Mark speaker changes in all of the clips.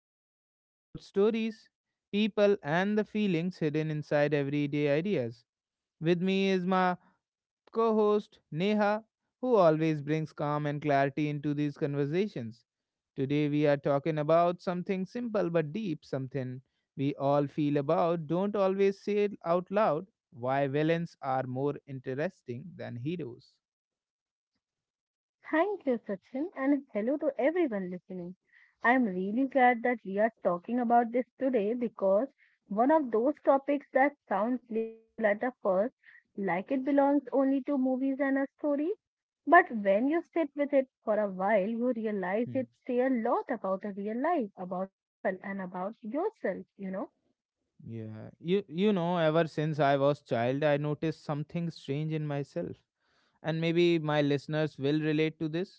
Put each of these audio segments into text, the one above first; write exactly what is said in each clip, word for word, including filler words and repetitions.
Speaker 1: heart about stories, people, and the feelings hidden inside everyday ideas. With me is my co host Neha, who always brings calm and clarity into these conversations. Today, we are talking about something simple but deep, something we all feel about, don't always say it out loud why villains are more interesting than heroes.
Speaker 2: Thank you, Sachin, and hello to everyone listening. I'm really glad that we are talking about this today because one of those topics that sound playful at the first, like it belongs only to movies and a story, but when you sit with it for a while, you realize
Speaker 1: Hmm.
Speaker 2: it say a lot about the real life, about people, and about yourself, you know.
Speaker 1: Yeah, you you know, ever since I was child, I noticed something strange in myself. And maybe my listeners will relate to this.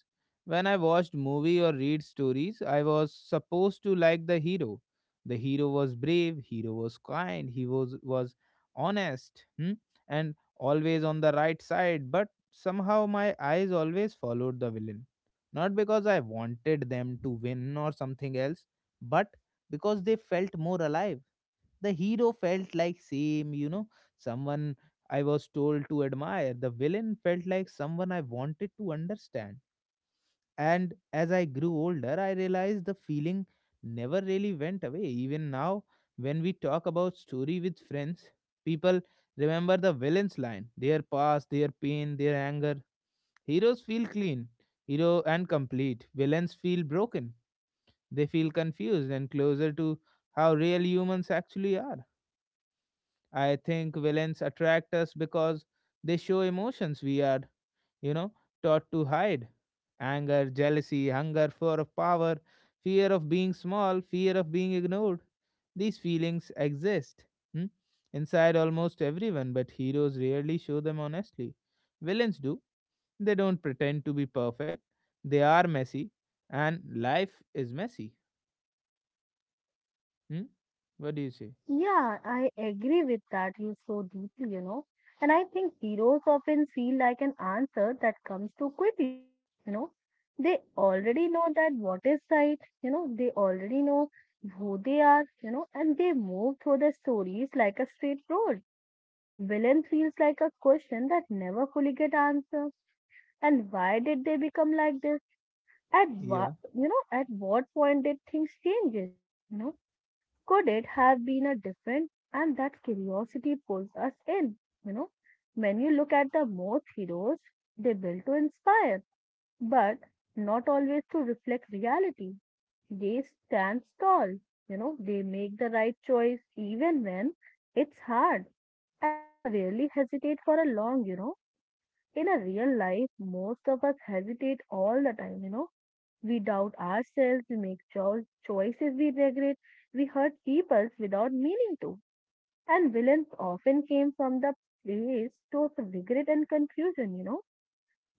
Speaker 1: When I watched movie or read stories, I was supposed to like the hero. The hero was brave, hero was kind, he was was honest, hmm? And always on the right side, but somehow my eyes always followed the villain. Not because I wanted them to win or something else, but because they felt more alive the hero felt like same you know someone I was told to admire. The villain felt like someone I wanted to understand. And as I grew older, I realized the feeling never really went away. Even now, when we talk about story with friends, people remember the villain's line, their past, their pain, their anger. Heroes feel clean, hero and complete. Villains feel broken. They feel confused and closer to how real humans actually are. I think villains attract us because they show emotions we are, you know, taught to hide anger, jealousy, hunger for of power, fear of being small, fear of being ignored. These feelings exist hmm, inside almost everyone, but heroes rarely show them honestly. Villains do. They don't pretend to be perfect, they are messy, and life is messy. Hmm? What do you say?
Speaker 2: Yeah, I agree with that you so deeply, you know. And I think heroes often feel like an answer that comes too quickly, you know. They already know that what is right, you know, they already know who they are, you know, and they move through the stories like a straight road. Villain feels like a question that never fully get answered. And why did they become like this? At what,
Speaker 1: Yeah.
Speaker 2: you know, at what point did things change? You know, could it have been a different? And that curiosity pulls us in. You know, when you look at the most heroes, they build to inspire, but not always to reflect reality. They stand tall. You know, they make the right choice even when it's hard, and they rarely hesitate for a long. You know in a real life, most of us hesitate all the time, you know. We doubt ourselves, we make cho- choices we regret, we hurt people without meaning to. And villains often came from the place of regret and confusion, you know.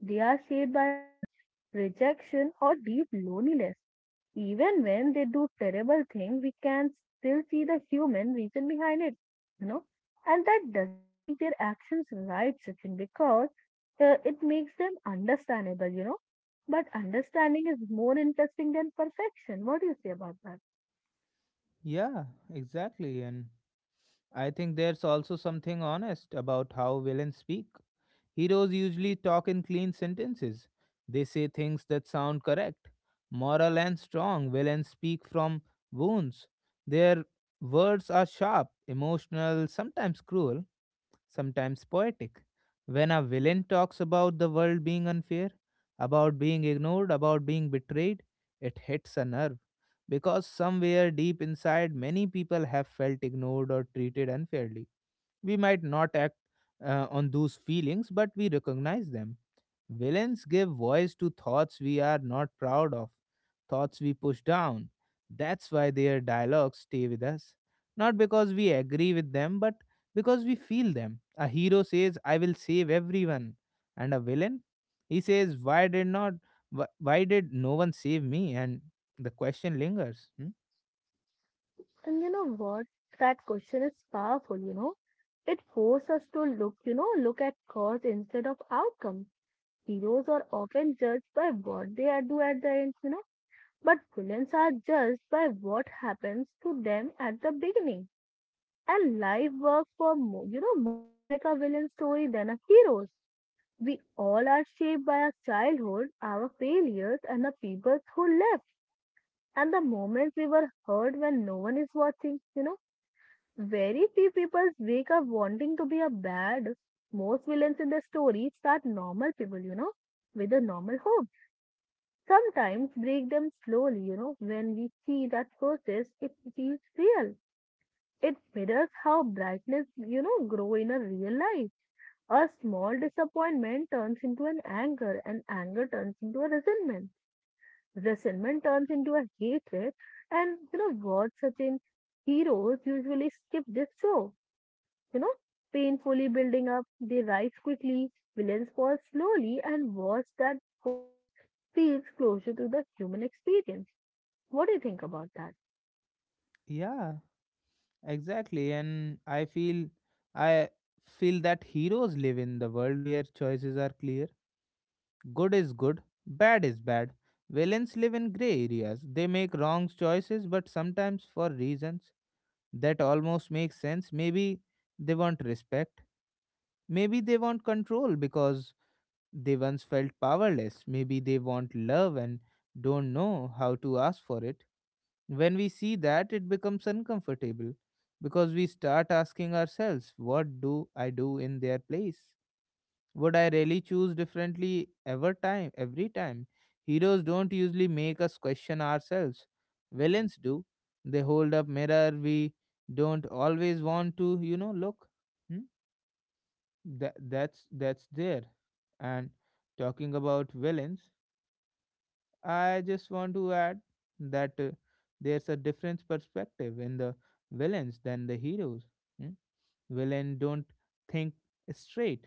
Speaker 2: They are shaped by loss, rejection, or deep loneliness. Even when they do terrible things, we can still see the human reason behind it, you know. And that doesn't make their actions right, Sachin, because uh, it makes them understandable, you know. But understanding is more interesting than perfection. What do you say about that?
Speaker 1: Yeah, exactly. And I think there's also something honest about how villains speak. Heroes usually talk in clean sentences. They say things that sound correct, moral and strong. Villains speak from wounds. Their words are sharp, emotional, sometimes cruel, sometimes poetic. When a villain talks about the world being unfair, about being ignored, about being betrayed, it hits a nerve. Because somewhere deep inside, many people have felt ignored or treated unfairly we might not act uh, on those feelings, but we recognize them. Villains give voice to thoughts we are not proud of, thoughts we push down. That's why their dialogues stay with us. Not because we agree with them, but because we feel them. A hero says, I will save everyone. And a villain, he says, why did not wh- why did no one save me? And the question lingers. Hmm?
Speaker 2: And you know what? That question is powerful, you know. It forces us to look, you know, look at cause instead of outcome. Heroes are often judged by what they are do at the end, you know, but villains are judged by what happens to them at the beginning. And life works for mo- you know most like a villain story than a hero's. We all are shaped by our childhood, our failures, and the people who left, and the moments we were hurt when no one is watching. You know, very few people wake up wanting to be a bad. Most villains in the story start normal people, you know, with a normal hope sometimes break them slowly, you know, when we see that process, it feels real. It mirrors how brightness, you know, grow in a real life. A small disappointment turns into an anger, and anger turns into a resentment. Resentment turns into a hatred, and you know, words such in heroes usually skip this show, you know, painfully building up, they rise quickly, villains fall slowly, and words that falls feels closer to the human experience. What do you think about that?
Speaker 1: Yeah, exactly, and I feel I feel that heroes live in the world where choices are clear. Good is good, bad is bad. Villains live in gray areas. They make wrong choices, but sometimes for reasons that almost make sense. Maybe they want respect. Maybe they want control because they once felt powerless. Maybe they want love and don't know how to ask for it. When we see that, it becomes uncomfortable because we start asking ourselves, what do I do in their place? Would I really choose differently ever time every time? Heroes don't usually make us question ourselves. Villains do. They hold up mirror we don't always want to, you know, look. Hmm? That that's that's there. And talking about villains, I just want to add that uh, there's a different perspective in the villains than the heroes. Hmm? Villains don't think straight.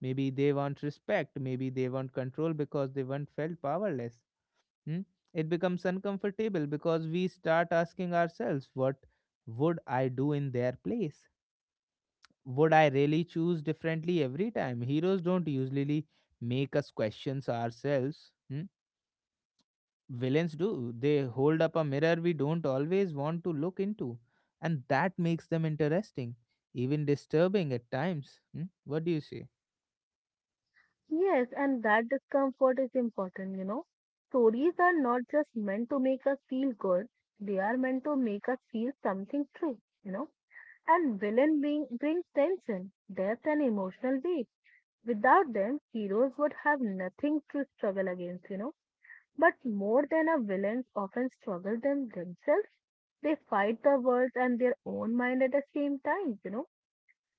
Speaker 1: Maybe they want respect, maybe they want control because they once felt powerless. Hmm? It becomes uncomfortable because we start asking ourselves, what would I do in their place? Would I really choose differently every time? Heroes don't usually make us questions ourselves. Hmm? Villains do, they hold up a mirror we don't always want to look into, and that makes them interesting, even disturbing at times. Hmm? What do you say?
Speaker 2: Yes, and that discomfort is important, you know. Stories are not just meant to make us feel good, they are meant to make us feel something true, you know. And villain being, brings tension, depth, and emotional weight. Without them, heroes would have nothing to struggle against, you know. But more than a villains often struggle them themselves, they fight the world and their own mind at the same time, you know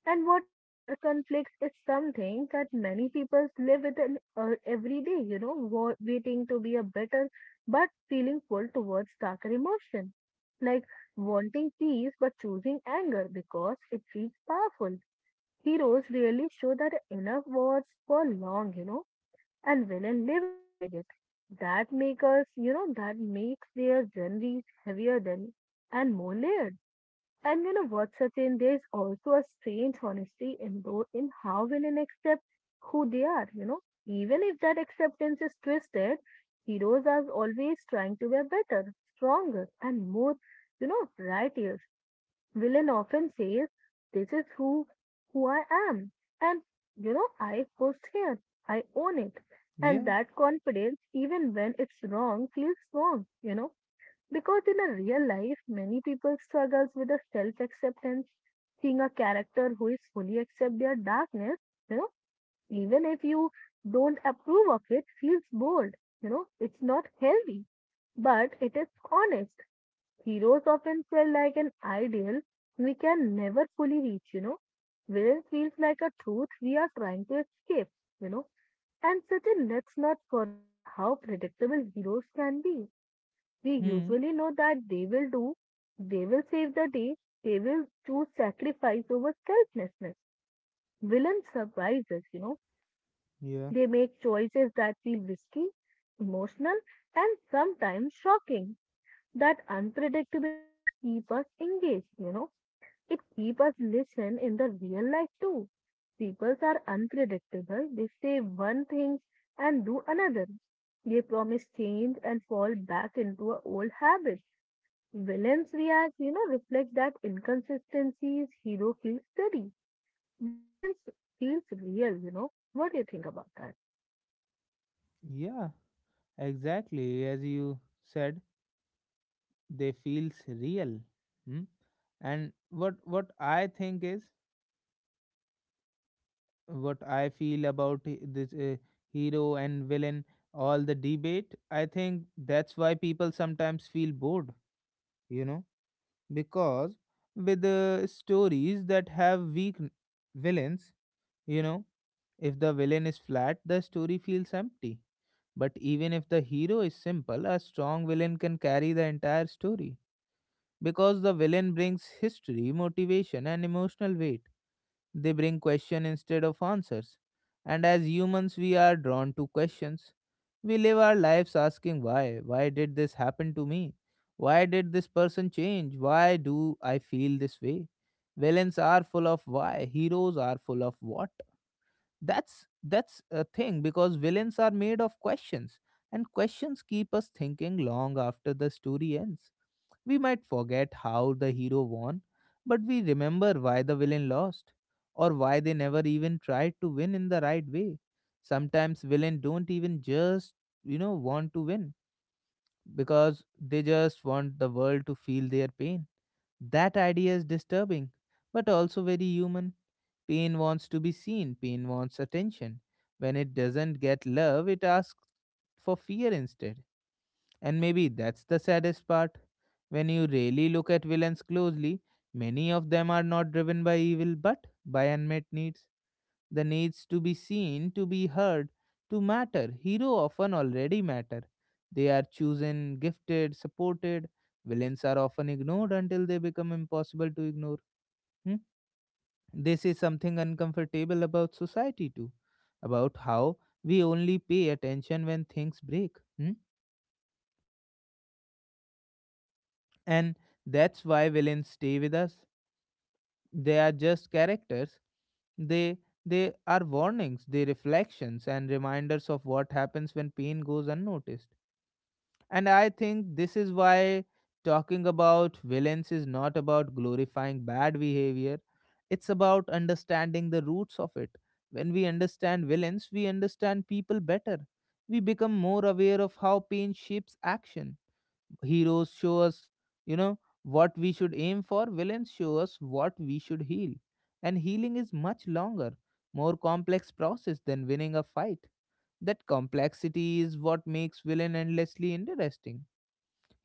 Speaker 2: And what inner conflicts is something that many people live with in, uh, every day, you know, wa- waiting to be a better, but feeling pulled towards darker emotion, like wanting peace but choosing anger because it feels powerful. Heroes really show that inner wars for long, you know, and villain live inside it. That makes us, you know, that makes their journeys heavier than and more layered. And you know what, Sachin, there's also a strange honesty in though in how villain accept who they are, you know. Even if that acceptance is twisted, heroes are always trying to be better, stronger, and more, you know, righteous. Villain often says, this is who who I am. And you know, I pushed here. I own it. And
Speaker 1: Yeah.
Speaker 2: that confidence, even when it's wrong, feels wrong, you know. Because in a real life, many people struggles with a self-acceptance, seeing a character who is fully accept their darkness, you know, even if you don't approve of it, feels bold. You know, it's not healthy, but it is honest. Heroes often feel like an ideal we can never fully reach, you know. Villain feels like a truth we are trying to escape, you know. And Sachin, let's not forget how predictable heroes can be. We
Speaker 1: Hmm.
Speaker 2: usually know that they will do, they will save the day, they will choose sacrifice over selflessness. Villains surprise us, you know,
Speaker 1: Yeah,
Speaker 2: they make choices that feel risky, emotional, and sometimes shocking. That unpredictability keep us engaged, you know, it keep us listen in the real life too. People are unpredictable, they say one thing and do another. They promise change and fall back into a old habit. Villains react, you know, reflect that inconsistencies, hero feels steady. Villains feels real, you know. What do you think about that?
Speaker 1: yeah, exactly as you said, they feels real. Hmm? And what what I think is, what I feel about he- this uh, hero and villain all the debate, I think that's why people sometimes feel bored, you know, because with the stories that have weak n- villains, you know, if the villain is flat, the story feels empty. But even if the hero is simple, a strong villain can carry the entire story because the villain brings history, motivation, and emotional weight. They bring question instead of answers. And as humans, we are drawn to questions. We live our lives asking why. Why did this happen to me? Why did this person change? Why do I feel this way? Villains are full of why. Heroes are full of what. That's that's a thing because villains are made of questions, and questions keep us thinking long after the story ends. We might forget how the hero won, but we remember why the villain lost or why they never even tried to win in the right way. Sometimes villains don't even just, you know, want to win because they just want the world to feel their pain. That idea is disturbing, but also very human. Pain wants to be seen, pain wants attention. When it doesn't get love, it asks for fear instead. And maybe that's the saddest part. When you really look at villains closely, many of them are not driven by evil but by unmet needs. The needs to be seen, to be heard, to matter. Hero often already matter. They are chosen, gifted, supported. Villains are often ignored until they become impossible to ignore. Hmm? They say something uncomfortable about society too, about how we only pay attention when things break. Hmm? And that's why villains stay with us, they are just characters, they they are warnings, they reflections and reminders of what happens when pain goes unnoticed. And I think this is why talking about villains is not about glorifying bad behavior, it's about understanding the roots of it. When we understand villains, we understand people better, we become more aware of how pain shapes action. Heroes show us, you know what we should aim for, villains show us what we should heal. And healing is much longer, more complex process than winning a fight. That complexity is what makes villain endlessly interesting.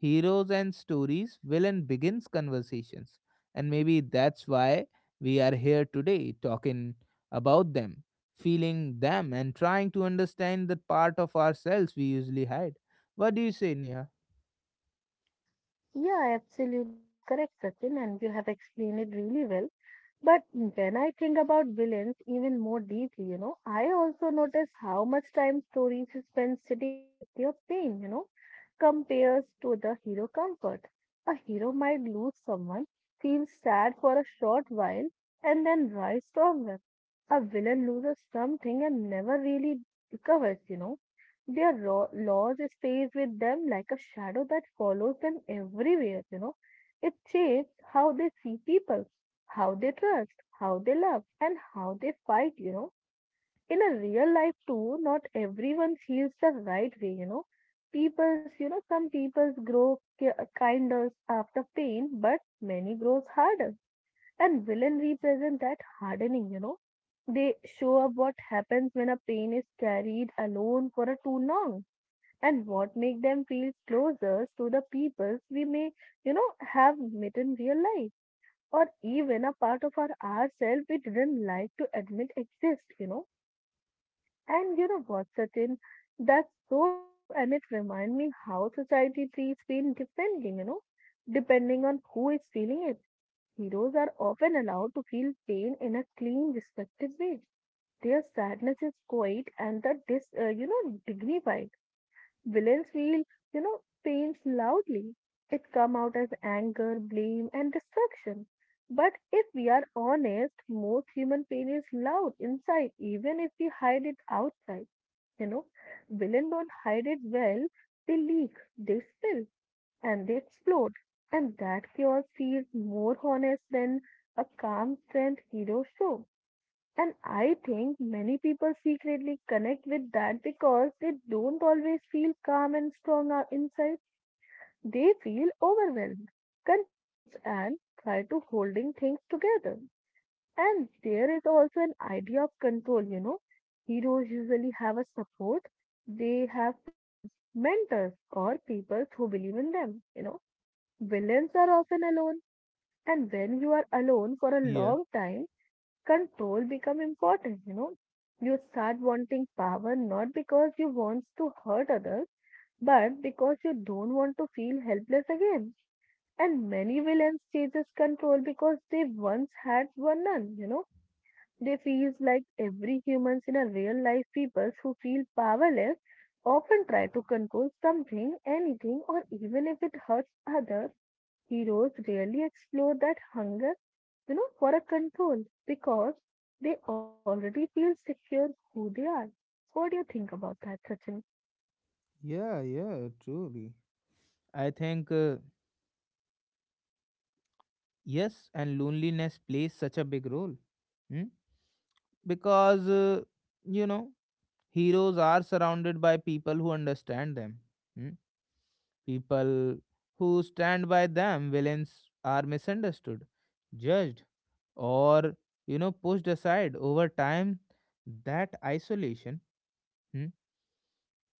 Speaker 1: Heroes and stories villain begins conversations, and maybe that's why we are here today talking about them, feeling them and trying to understand the part of ourselves we usually hide. What do you say, Neha?
Speaker 2: Yeah, absolutely correct, Sachin, and you have explained it really well. But when I think about villains even more deeply, you know, I also notice how much time stories spend sitting with their pain, you know, compares to the hero comfort. A hero might lose someone, feel sad for a short while, and then rise stronger. A villain loses something and never really recovers, you know Their ro- laws stays with them like a shadow that follows them everywhere, you know. It shapes how they see people, how they trust, how they love, and how they fight, you know. In a real life too, not everyone feels the right way, you know. People's, you know, some people's grow ki- uh, kinder after pain, but many grows harder. And villain represent that hardening, you know. They show up what happens when a pain is carried alone for a too long and what make them feel closer to the peoples we may you know have met in real life or even a part of our ourselves we didn't like to admit exist you know And you know what, certain, that's so true and it reminds me how society treats pain depending you know depending on who is feeling it. Heroes are often allowed to feel pain in a clean respected way. Their sadness is quiet and the dis, uh, you know dignified. Villains feel, you know, pains loudly. It come out as anger, blame, and destruction. But if we are honest, most human pain is loud inside, even if we hide it outside. You know, Villains don't hide it well. They leak, they spill, and they explode. And that chaos feels more honest than a calm, strength hero show. And I think many people secretly connect with that because they don't always feel calm and strong out- inside. They feel overwhelmed, confused, and try to holding things together. And there is also an idea of control, you know. Heroes usually have a support. They have friends, mentors, or people who believe in them, you know. Villains are often alone. And when you are alone for a
Speaker 1: Yeah.
Speaker 2: long time, control become important you know You start wanting power not because you want to hurt others but because you don't want to feel helpless again. And many villains chases control because they once had were none you know They feel like every humans in a real life people who feel powerless often try to control something anything or even if it hurts others. Heroes rarely explore that hunger, you know, for a control because they already feel secure who they are. What do you think about that, Sachin?
Speaker 1: Yeah, yeah, truly. I think, uh, yes, and loneliness plays such a big role. Hmm? Because, uh, you know, heroes are surrounded by people who understand them, hmm? People who stand by them. Villains are misunderstood, judged, or, you know, pushed aside over time. That isolation, hmm?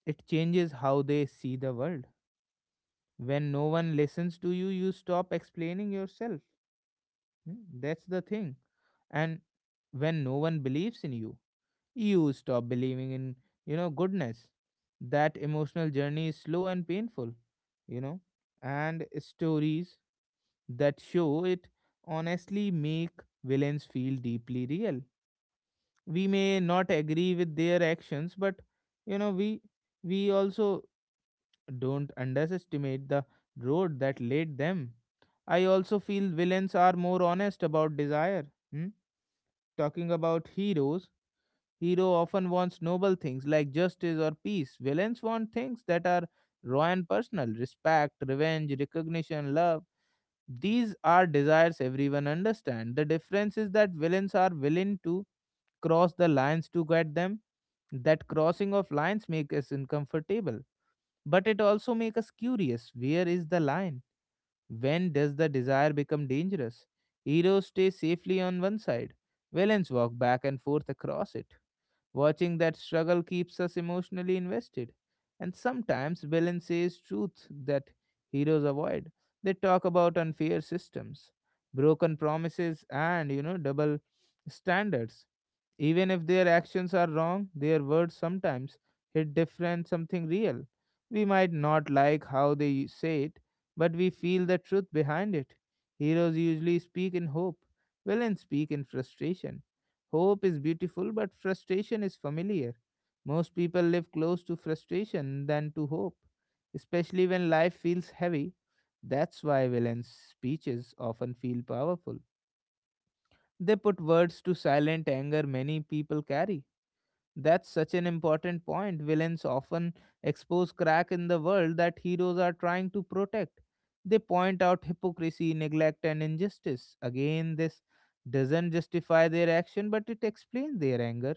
Speaker 1: It changes how they see the world. When no one listens to you, you stop explaining yourself. Hmm, that's the thing. And when no one believes in you, you stop believing in, you know, goodness. That emotional journey is slow and painful, you know. And stories that show it honestly make villains feel deeply real. We may not agree with their actions, but you know, we we also don't underestimate the road that led them. I also feel villains are more honest about desire. Hmm. Talking about heroes, hero often wants noble things like justice or peace. Villains want things that are raw and personal respect, revenge, recognition, love. These are desires everyone understands. The difference is that villains are willing to cross the lines to get them. That crossing of lines makes us uncomfortable, but it also makes us curious. Where is the line? When does the desire become dangerous? Heroes stay safely on one side. Villains walk back and forth across it. Watching that struggle keeps us emotionally invested. And sometimes villain says truth that heroes avoid. They talk about unfair systems, broken promises, and you know, double standards. Even if their actions are wrong, their words sometimes hit different something real. We might not like how they say it, but we feel the truth behind it. Heroes usually speak in hope, villains speak in frustration. Hope is beautiful, but frustration is familiar. Most people live close to frustration than to hope, especially when life feels heavy. That's why villains' speeches often feel powerful. They put words to silent anger many people carry. That's such an important point. Villains often expose crack in the world that heroes are trying to protect. They point out hypocrisy, neglect, and injustice. Again, this doesn't justify their action, but it explains their anger.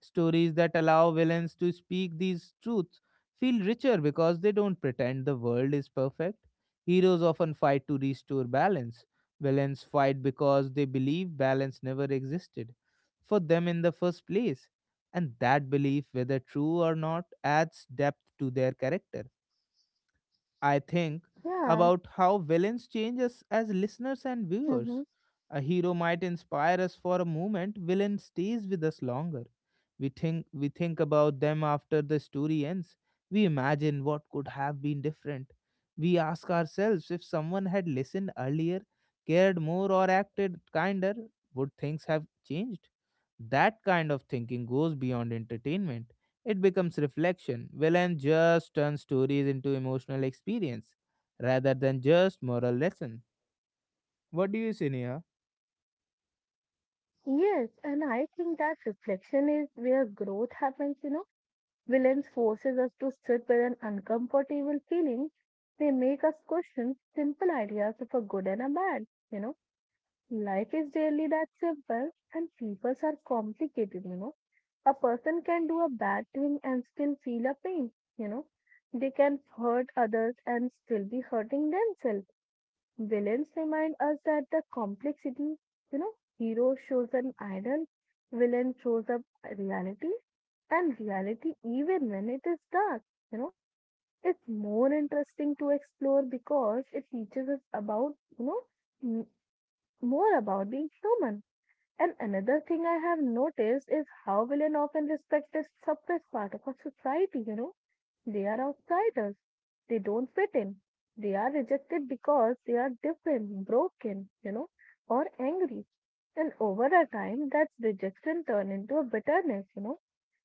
Speaker 1: Stories that allow villains to speak these truths feel richer because they don't pretend the world is perfect. Heroes often fight to restore balance. Villains fight because they believe balance never existed for them in the first place. And that belief, whether true or not, adds depth to their character. I think
Speaker 2: Yeah.
Speaker 1: about how villains change us as listeners and
Speaker 2: Hmm.
Speaker 1: viewers. A hero might inspire us for a moment, villain stays with us longer. We think we think about them after the story ends. We imagine what could have been different. We ask ourselves if someone had listened earlier, cared more or acted kinder, would things have changed? That kind of thinking goes beyond entertainment. It becomes reflection. Villain just turns stories into emotional experience rather than just moral lesson. What do you say, Neha?
Speaker 2: Yes, and I think that reflection is where growth happens, you know. Villains forces us to sit with an uncomfortable feeling. They make us question simple ideas of a good and a bad, you know Life is really that simple, and people are complicated, you know. A person can do a bad thing and still feel a pain, you know. They can hurt others and still be hurting themselves. Villains remind us that the complexity, you know, hero shows an idol, villain shows up reality, and reality, even when it is dark, you know, it's more interesting to explore because it teaches us about, you know, m- more about being human. And another thing I have noticed is how villain often respect this suppressed part of our society, you know. They are outsiders. They don't fit in. They are rejected because they are different, broken, you know, or angry. And over a time, that rejection turns into a bitterness, you know.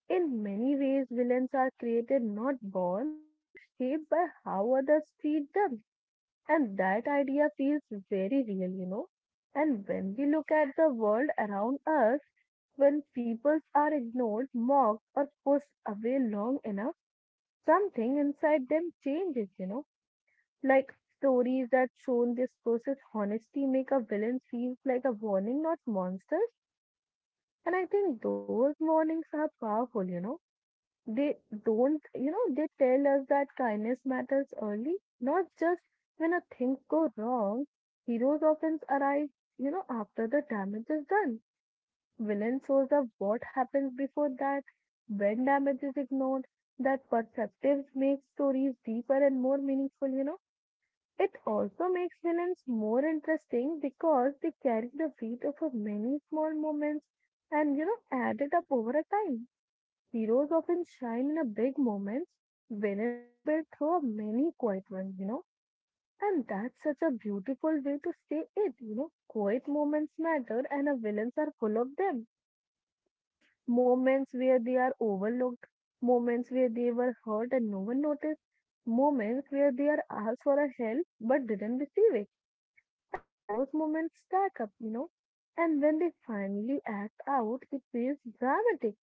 Speaker 2: In many ways, villains are created not born, they are shaped by how others treat them. And that idea feels very real, you know. And when we look at the world around us, when people are ignored, mocked, or pushed away long enough, something inside them changes, you know. Like stories that shown this process honesty make a villain feel like a warning, not monsters. And I think those warnings are powerful, you know. They don't, you know, they tell us that kindness matters early, not just when a things go wrong. Heroes often arrive, you know, after the damage is done. Villain shows up what happens before that, when damage is ignored, that perceptive makes stories deeper and more meaningful, you know. It also makes villains more interesting because they carry the weight of a many small moments and, you know, add it up over a time. Heroes often shine in a big moments, villains are built through a many quiet ones, you know. And that's such a beautiful way to say it, you know. Quiet moments matter and a villains are full of them like moments where they are overlooked, moments where they were hurt and no one noticed, moments where they are asked for a help but didn't receive it. And those moments stack up, you know. And when they finally act out, it feels dramatic.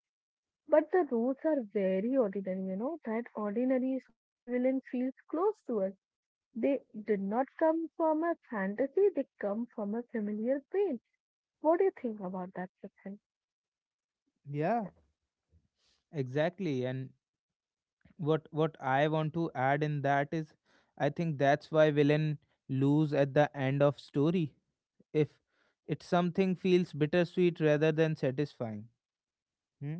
Speaker 2: But the roots are very ordinary, you know. That ordinaries make villain feels close to us. They did not come from a fantasy, they come from a familiar pain. What do you think about that, Sachin?
Speaker 1: Yeah, exactly. And what what I want to add in that is I think that's why villain lose at the end of story. If it's something feels bittersweet rather than satisfying. Hmm?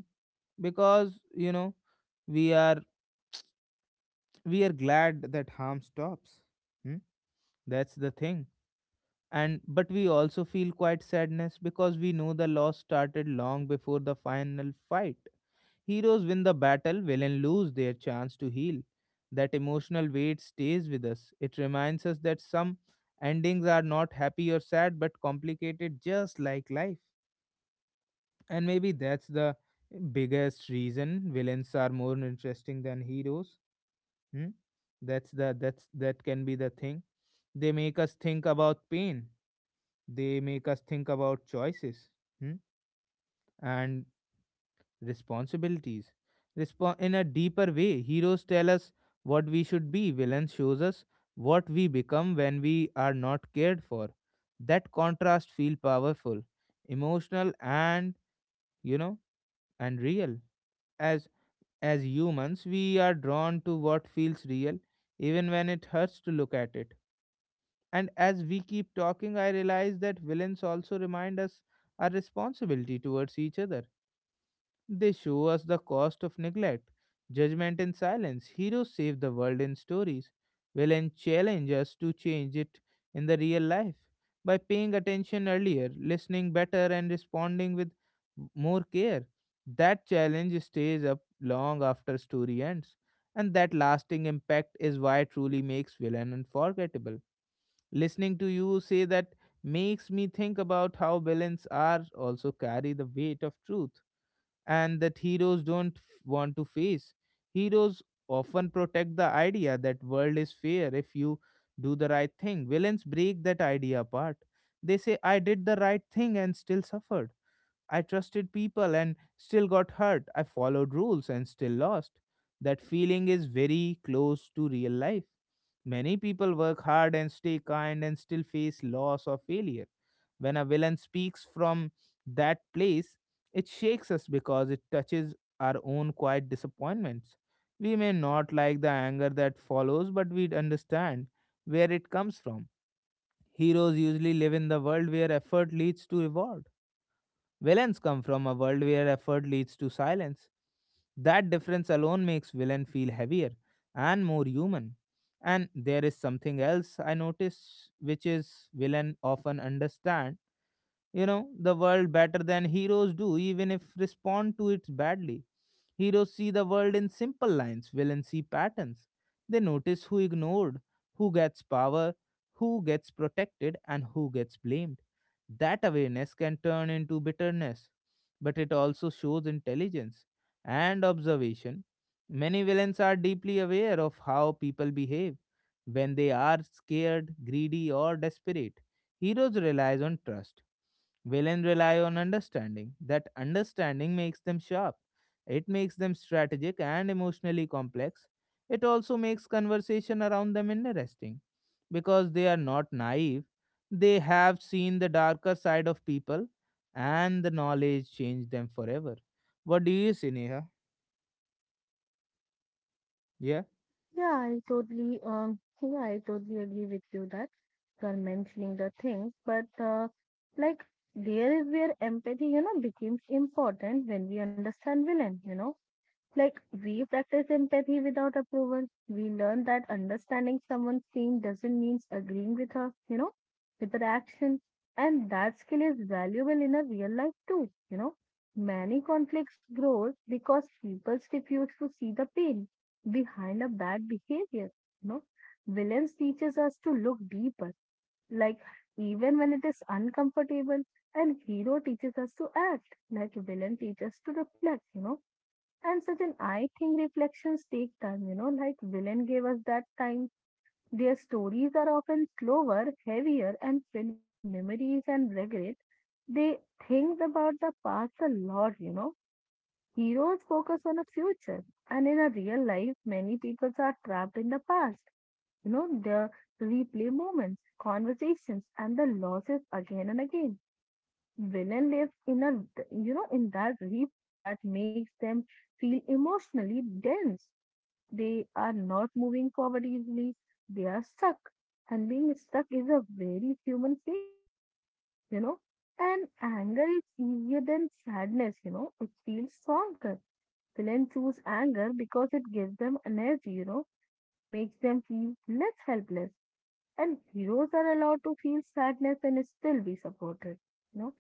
Speaker 1: Because, you know, we are we are glad that harm stops. Hmm? That's the thing. And but we also feel quite sadness because we know the loss started long before the final fight. Heroes win the battle, villains lose their chance to heal. That emotional weight stays with us. It reminds us that some endings are not happy or sad but complicated just like life. And maybe that's the biggest reason villains are more interesting than heroes. Hmm? That's the that's that can be the thing. They make us think about pain. They make us think about choices, hmm, and responsibilities. Respo- in a deeper way, heroes tell us what we should be, villains shows us what we become when we are not cared for. That contrast feel powerful, emotional and, you know, and real. As as humans, we are drawn to what feels real even when it hurts to look at it. And as we keep talking, I realize that villains also remind us our responsibility towards each other. They show us the cost of neglect, judgment, and silence. Heroes save the world in stories. Villains challenge us to change it in the real life by paying attention earlier, listening better, and responding with more care. That challenge stays up long after story ends, and that lasting impact is why it truly makes villain unforgettable. Listening to you say that makes me think about how villains are also carry the weight of truth and that heroes don't f- want to face. Heroes often protect the idea that world is fair if you do the right thing. Villains break that idea apart. They say I did the right thing and still suffered. I trusted people and still got hurt. I followed rules and still lost. That feeling is very close to real life. Many people work hard and stay kind and still face loss or failure. When a villain speaks from that place, it shakes us because it touches our own quiet disappointments. We may not like the anger that follows, but we understand where it comes from. Heroes usually live in the world where effort leads to reward. Villains come from a world where effort leads to silence. That difference alone makes villain feel heavier and more human. And there is something else I notice, which is villain often understand, you know, the world better than heroes do even if respond to it badly. Heroes see the world in simple lines, villains see patterns. They notice who ignored, who gets power, who gets protected and who gets blamed. That awareness can turn into bitterness, but it also shows intelligence and observation. Many villains are deeply aware of how people behave when they are scared, greedy or desperate. Heroes relies on trust, villains rely on understanding. That understanding makes them sharp. It makes them strategic and emotionally complex. It also makes conversation around them interesting because they are not naive. They have seen the darker side of people and the knowledge changed them forever. What do you say, Neha? Yeah?
Speaker 2: Yeah, I totally um yeah, I totally agree with you that you are mentioning the things, but uh, like there is where empathy, you know, becomes important when we understand villain, you know. Like we practice empathy without approval. We learn that understanding someone's pain doesn't mean agreeing with her, you know, with her action. And that skill is valuable in a real life too, you know. Many conflicts grow because people refuse to see the pain behind a bad behavior, you know. Villains teaches us to look deeper, like even when it is uncomfortable, and hero teaches us to act, like villain teaches to reflect, you know and Sachin, I think reflections take time, you know, like Villain gave us that time. Their stories are often slower, heavier, and filled with the memories and regret. They think about the past a lot, you know. Heroes focus on the future. And in a real life, many people are trapped in the past. You know, the replay moments, conversations, and the losses again and again. Villain lives in a, you know, in that replay that makes them feel emotionally dense. They are not moving forward easily. They are stuck. And being stuck is a very human feeling, you know. And anger is easier than sadness, you know. It feels stronger. Villain choose anger because it gives them energy, you know. It makes them feel less helpless. And heroes are allowed to feel sadness and still be supported. You know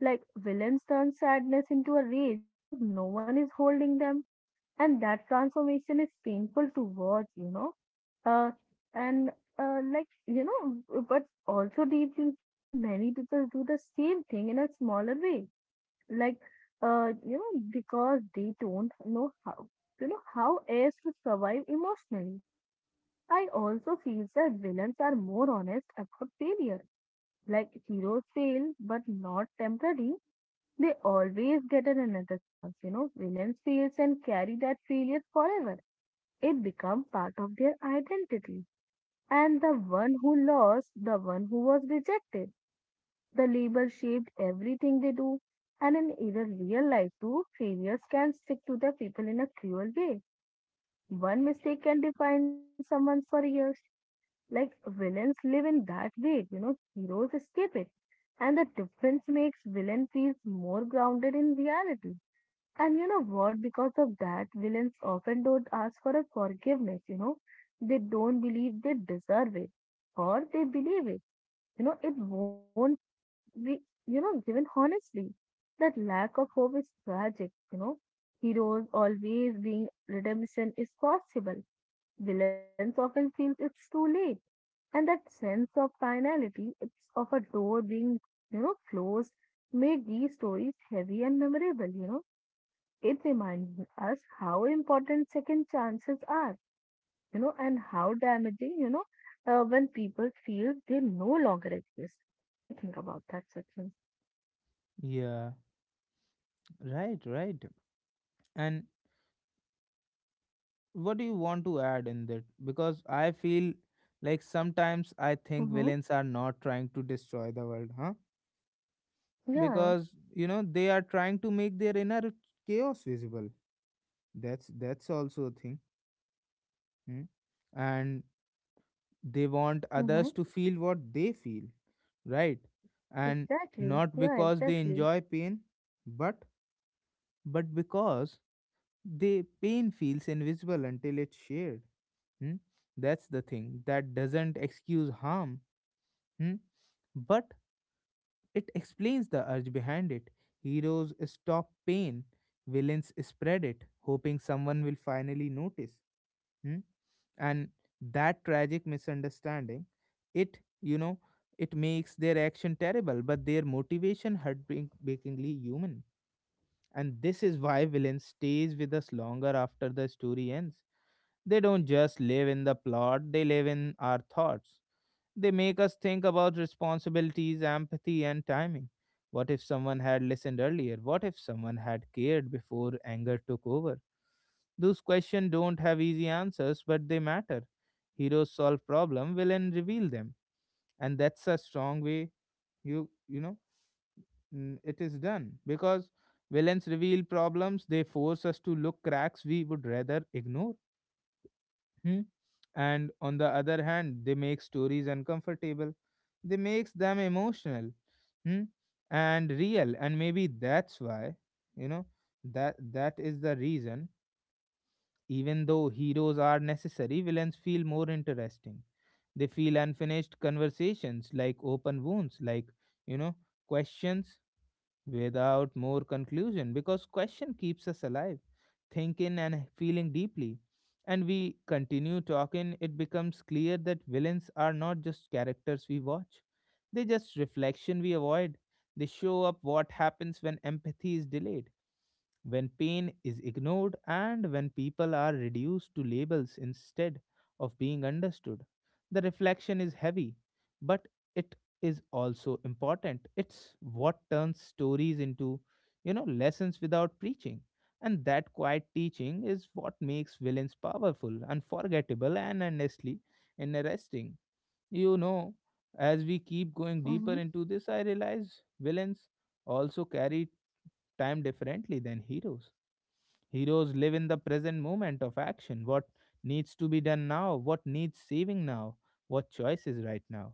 Speaker 2: like villains turn sadness into a rage because no one is holding them, and that transformation is painful to watch, you know. Uh, and uh, like you know, but also deep in human. Many people do the same thing in a smaller way, like uh, you know, because they don't know how you know how else to survive emotionally. I also feel that villains are more honest about failure. Like heroes fail, but not temporary they always get an another chance, you know. Villains fails and carry that failure forever. It becomes part of their identity. And the one who lost, the one who was rejected, the label shaped everything they do. And in either real life too, failures can stick to the people in a cruel way. One mistake can define someone for years. Like villains live in that way, you know, heroes escape it. And the difference makes villain feels more grounded in reality And you know what? Because of that, villains often don't ask for a forgiveness, you know. They don't believe they deserve it or they believe it. You know, it won't be, you know, given honestly. That lack of hope is tragic, you know. Heroes always being redemption is possible. Villains often feel it's too late. And that sense of finality, it's of a door being, you know, closed, made these stories heavy and memorable, you know it reminds us how important second chances are, you know, and how damaging, you know, uh, when people feel they no longer exist. What do you think about that, Sachin?
Speaker 1: Yeah. Right, right. And what do you want to add in that? Because I feel like sometimes I think
Speaker 2: Mm-hmm.
Speaker 1: villains are not trying to destroy the world, huh?
Speaker 2: Yeah.
Speaker 1: Because you know they are trying to make their inner chaos visible. That's that's also a thing, hmm? And they want
Speaker 2: Mm-hmm.
Speaker 1: others to feel what they feel, right? And
Speaker 2: Exactly.
Speaker 1: not
Speaker 2: Yeah,
Speaker 1: because they
Speaker 2: exactly.
Speaker 1: enjoy pain, but but because the pain feels invisible until it's shared. Hmm? That's the thing that doesn't excuse harm. Hmm? But it explains the urge behind it. Heroes stop pain, villains spread it, hoping someone will finally notice. Hmm? And that tragic misunderstanding, it, you know, it makes their action terrible, but their motivation heartbreakingly human. And this is why villains stays with us longer after the story ends. They don't just live in the plot, they live in our thoughts. They make us think about responsibilities, empathy, and timing. What if someone had listened earlier? What if someone had cared before anger took over? Those questions don't have easy answers, but they matter. Heroes solve problem, villain reveal them, and that's a strong way, you you know, mm, it is done because villains reveal problems. They force us to look cracks we would rather ignore. Hmm? And on the other hand, they make stories uncomfortable, they makes them emotional, hmm, and real. And maybe that's why, you know, that that is the reason even though heroes are necessary, villains feel more interesting. They feel unfinished conversations like open wounds, like, you know, questions without more conclusion because question keeps us alive, thinking and feeling deeply. And we continue talking, it becomes clear that villains are not just characters we watch, they just reflection we avoid. They show up what happens when empathy is delayed, when pain is ignored and when people are reduced to labels instead of being understood. The reflection is heavy, but it is also important. It's what turns stories into, you know, lessons without preaching. And that quiet teaching is what makes villains powerful, unforgettable, and honestly interesting. You know, as we keep going deeper
Speaker 2: Mm-hmm.
Speaker 1: into this, I realize villains also carry time differently than heroes. Heroes live in the present moment of action: what needs to be done now, what needs saving now, what choice is right now.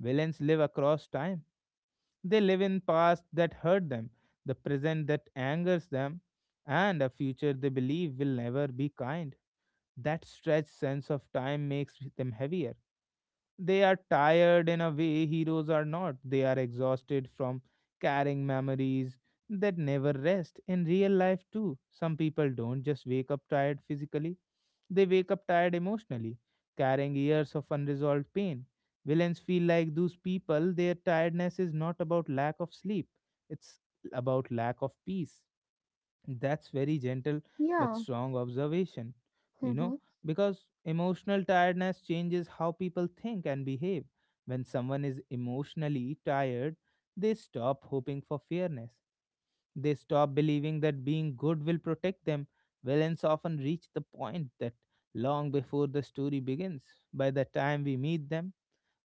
Speaker 1: Villains live across time. They live in past that hurt them, the present that angers them, and a future they believe will never be kind. That stretched sense of time makes them heavier. They are tired in a way heroes are not. They are exhausted from carrying memories that never rest. In real life, too, some people don't just wake up tired physically, they wake up tired emotionally, carrying years of unresolved pain. Villains feel like those people, their tiredness is not about lack of sleep, it's about lack of peace. That's very gentle but
Speaker 2: Yeah.
Speaker 1: strong observation, you
Speaker 2: Mm-hmm.
Speaker 1: know, because emotional tiredness changes how people think and behave. When someone is emotionally tired, they stop hoping for fairness. They stop believing that being good will protect them. Villains often reach the point that long before the story begins. By the time we meet them,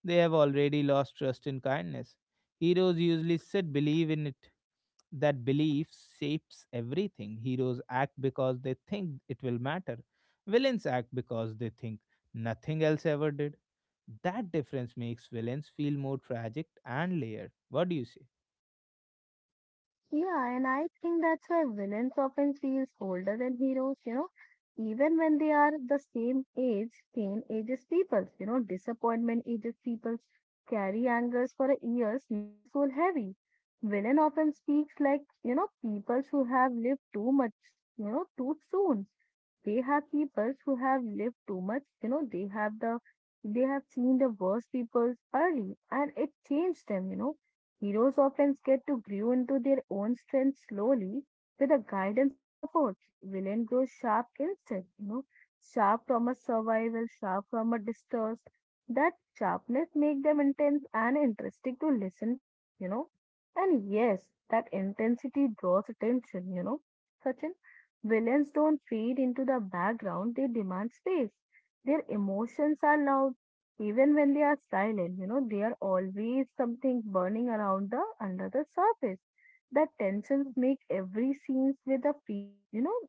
Speaker 1: they have already lost trust in kindness. Heroes usually sit, believe in it, that belief shapes everything. Heroes act because they think it will matter. Villains act because they think nothing else ever did. That difference makes villains feel more tragic and layered. What do you say?
Speaker 2: Yeah, and I think that's why villains often feels older than heroes, you know, even when they are the same age, pain ages people, you know, disappointment ages people, carry angers for years make the soul heavy. Villain often speaks like, you know, people who have lived too much, you know, too soon. They have people who have lived too much, you know, they have the they have seen the worst people early and it changed them, you know Heroes often get to grow into their own strength slowly with a guidance and support. Villain grows sharp instead, you know, sharp from a survival, sharp from a distrust. That sharpness make them intense and interesting to listen to, you know. And yes, that intensity draws attention, you know. Sachin, villains don't fade into the background, they demand space. Their emotions are loud, even when they are silent, you know, they are always something burning around the under the surface. That tensions make every scenes with a feel, you know,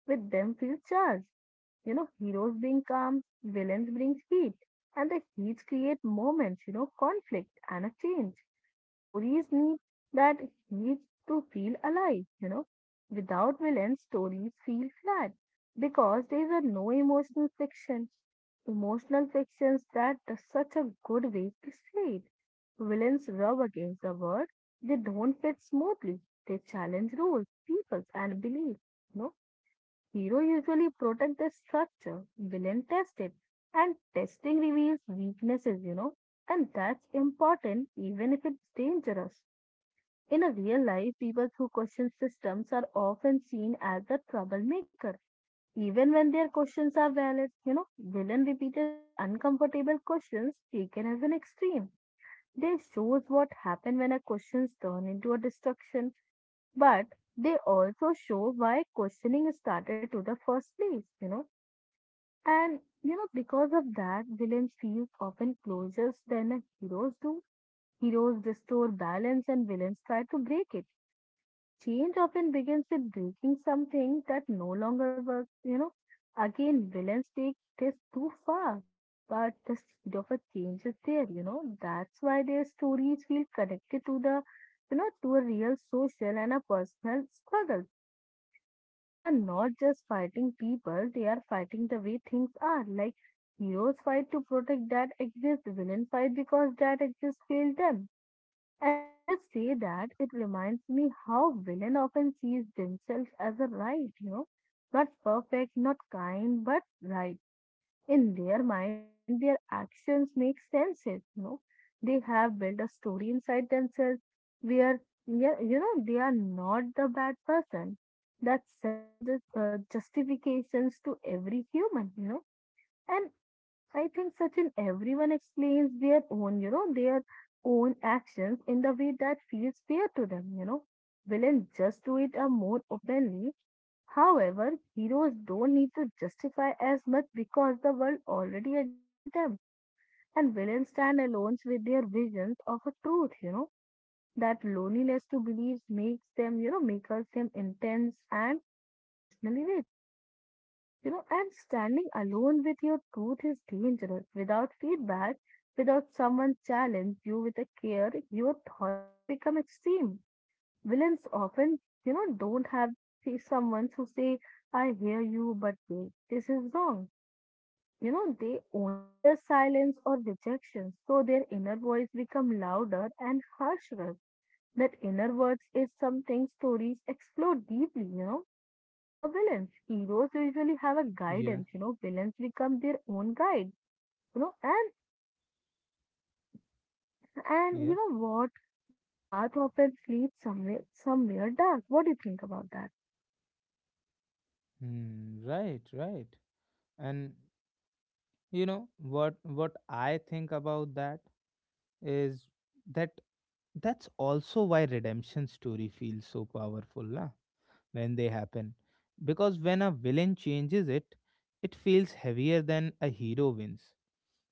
Speaker 2: with them feel charged. You know, heroes bring calm, villains bring heat, and the heats create moments, you know, conflict and a change. Stories need that need to feel alive, you know. Without villains, stories feel flat because there is a no emotional fiction. Emotional fictions that is such a good way to say it. Villains rub against the world. They don't fit smoothly. They challenge rules, peoples, and beliefs. No, Hero usually protect the structure, villain test it, and testing reveals weaknesses, you know, and that's important even if it's dangerous. In a real life, people who question systems are often seen as the troublemaker, even when their questions are valid. You know, villain repeated that uncomfortable questions taken as an extreme. They shows what happen when a questions turn into a destruction, but they also show why questioning started to the first place, you know. And you know, because of that, villains feel often closest than a heroes do. Heroes restore balance and villains try to break it. Change often begins with breaking something that no longer works, you know. Again, villains take this too far. But the speed of a change is there, you know. That's why their stories feel connected to the, you know, to a real social and a personal struggle. They are not just fighting people, they are fighting the way things are. Like heroes fight to protect that exists, villains fight because that exists failed them. And when you say that, it reminds me how villain often sees themselves as a right, you know, not perfect, not kind, but right in their mind their actions make senses you know they have built a story inside themselves where yeah, you know they are not the bad person that self uh, justifications to every human you know and i think such an everyone explains their own you know their own actions in the way that feels fair to them you know villains just do it a more openly. However, heroes don't need to justify as much because the world already agrees with them, and villains stand alone with their visions of a truth, you know, that loneliness to believe makes them, you know, makes them intense and emotionally rich. You know, and standing alone with your truth is dangerous. Without feedback, without someone challenge you with a care, your thoughts can become extreme villains often, you know, don't have see someone who say, I hear you, but wait, this is wrong. You know, they only hear silence or rejection, so their inner voice become louder and harsher. That inner voice is something stories explore deeply, you know, through a villain. Heroes usually have a
Speaker 1: Yeah,
Speaker 2: guidance, you know, villains become their own guide, you know, and and you
Speaker 1: yeah.
Speaker 2: know what? That path often leads somewhere somewhere dark. What do you think about that?
Speaker 1: Hmm, right, right. And you know what what I think about that is that that's also why redemption story feels so powerful, na? When they happen, because when a villain changes it, it feels heavier than a hero wins,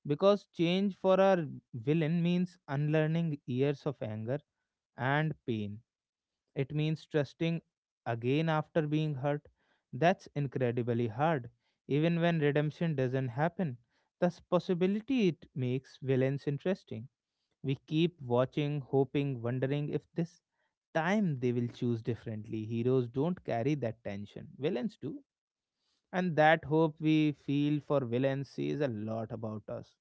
Speaker 1: because change for a villain means unlearning years of anger and pain. It means trusting again after being hurt. That's incredibly hard. Even when redemption doesn't happen, thus possibility it makes villains interesting. We keep watching, hoping, wondering if this time they will choose differently. Heroes don't carry that tension, villains do. And that hope we feel for villains says a lot about us.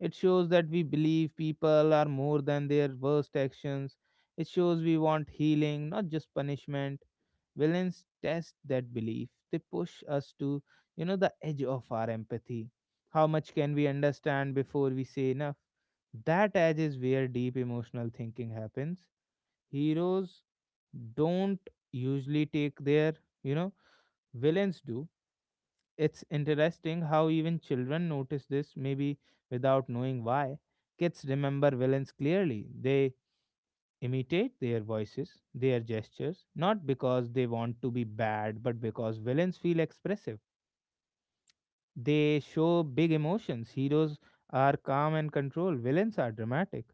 Speaker 1: It shows that we believe people are more than their worst actions. It shows we want healing, not just punishment. Villains test that belief. They push us to, you know, the edge of our empathy. How much can we understand before we say enough? That edge is where deep emotional thinking happens. Heroes don't usually take their, you know, villains do. It's interesting how even children notice this, maybe without knowing why. Kids remember villains clearly. They imitate their voices, their gestures, not because they want to be bad, but because villains feel expressive. They show big emotions. Heroes are calm and controlled, villains are dramatic.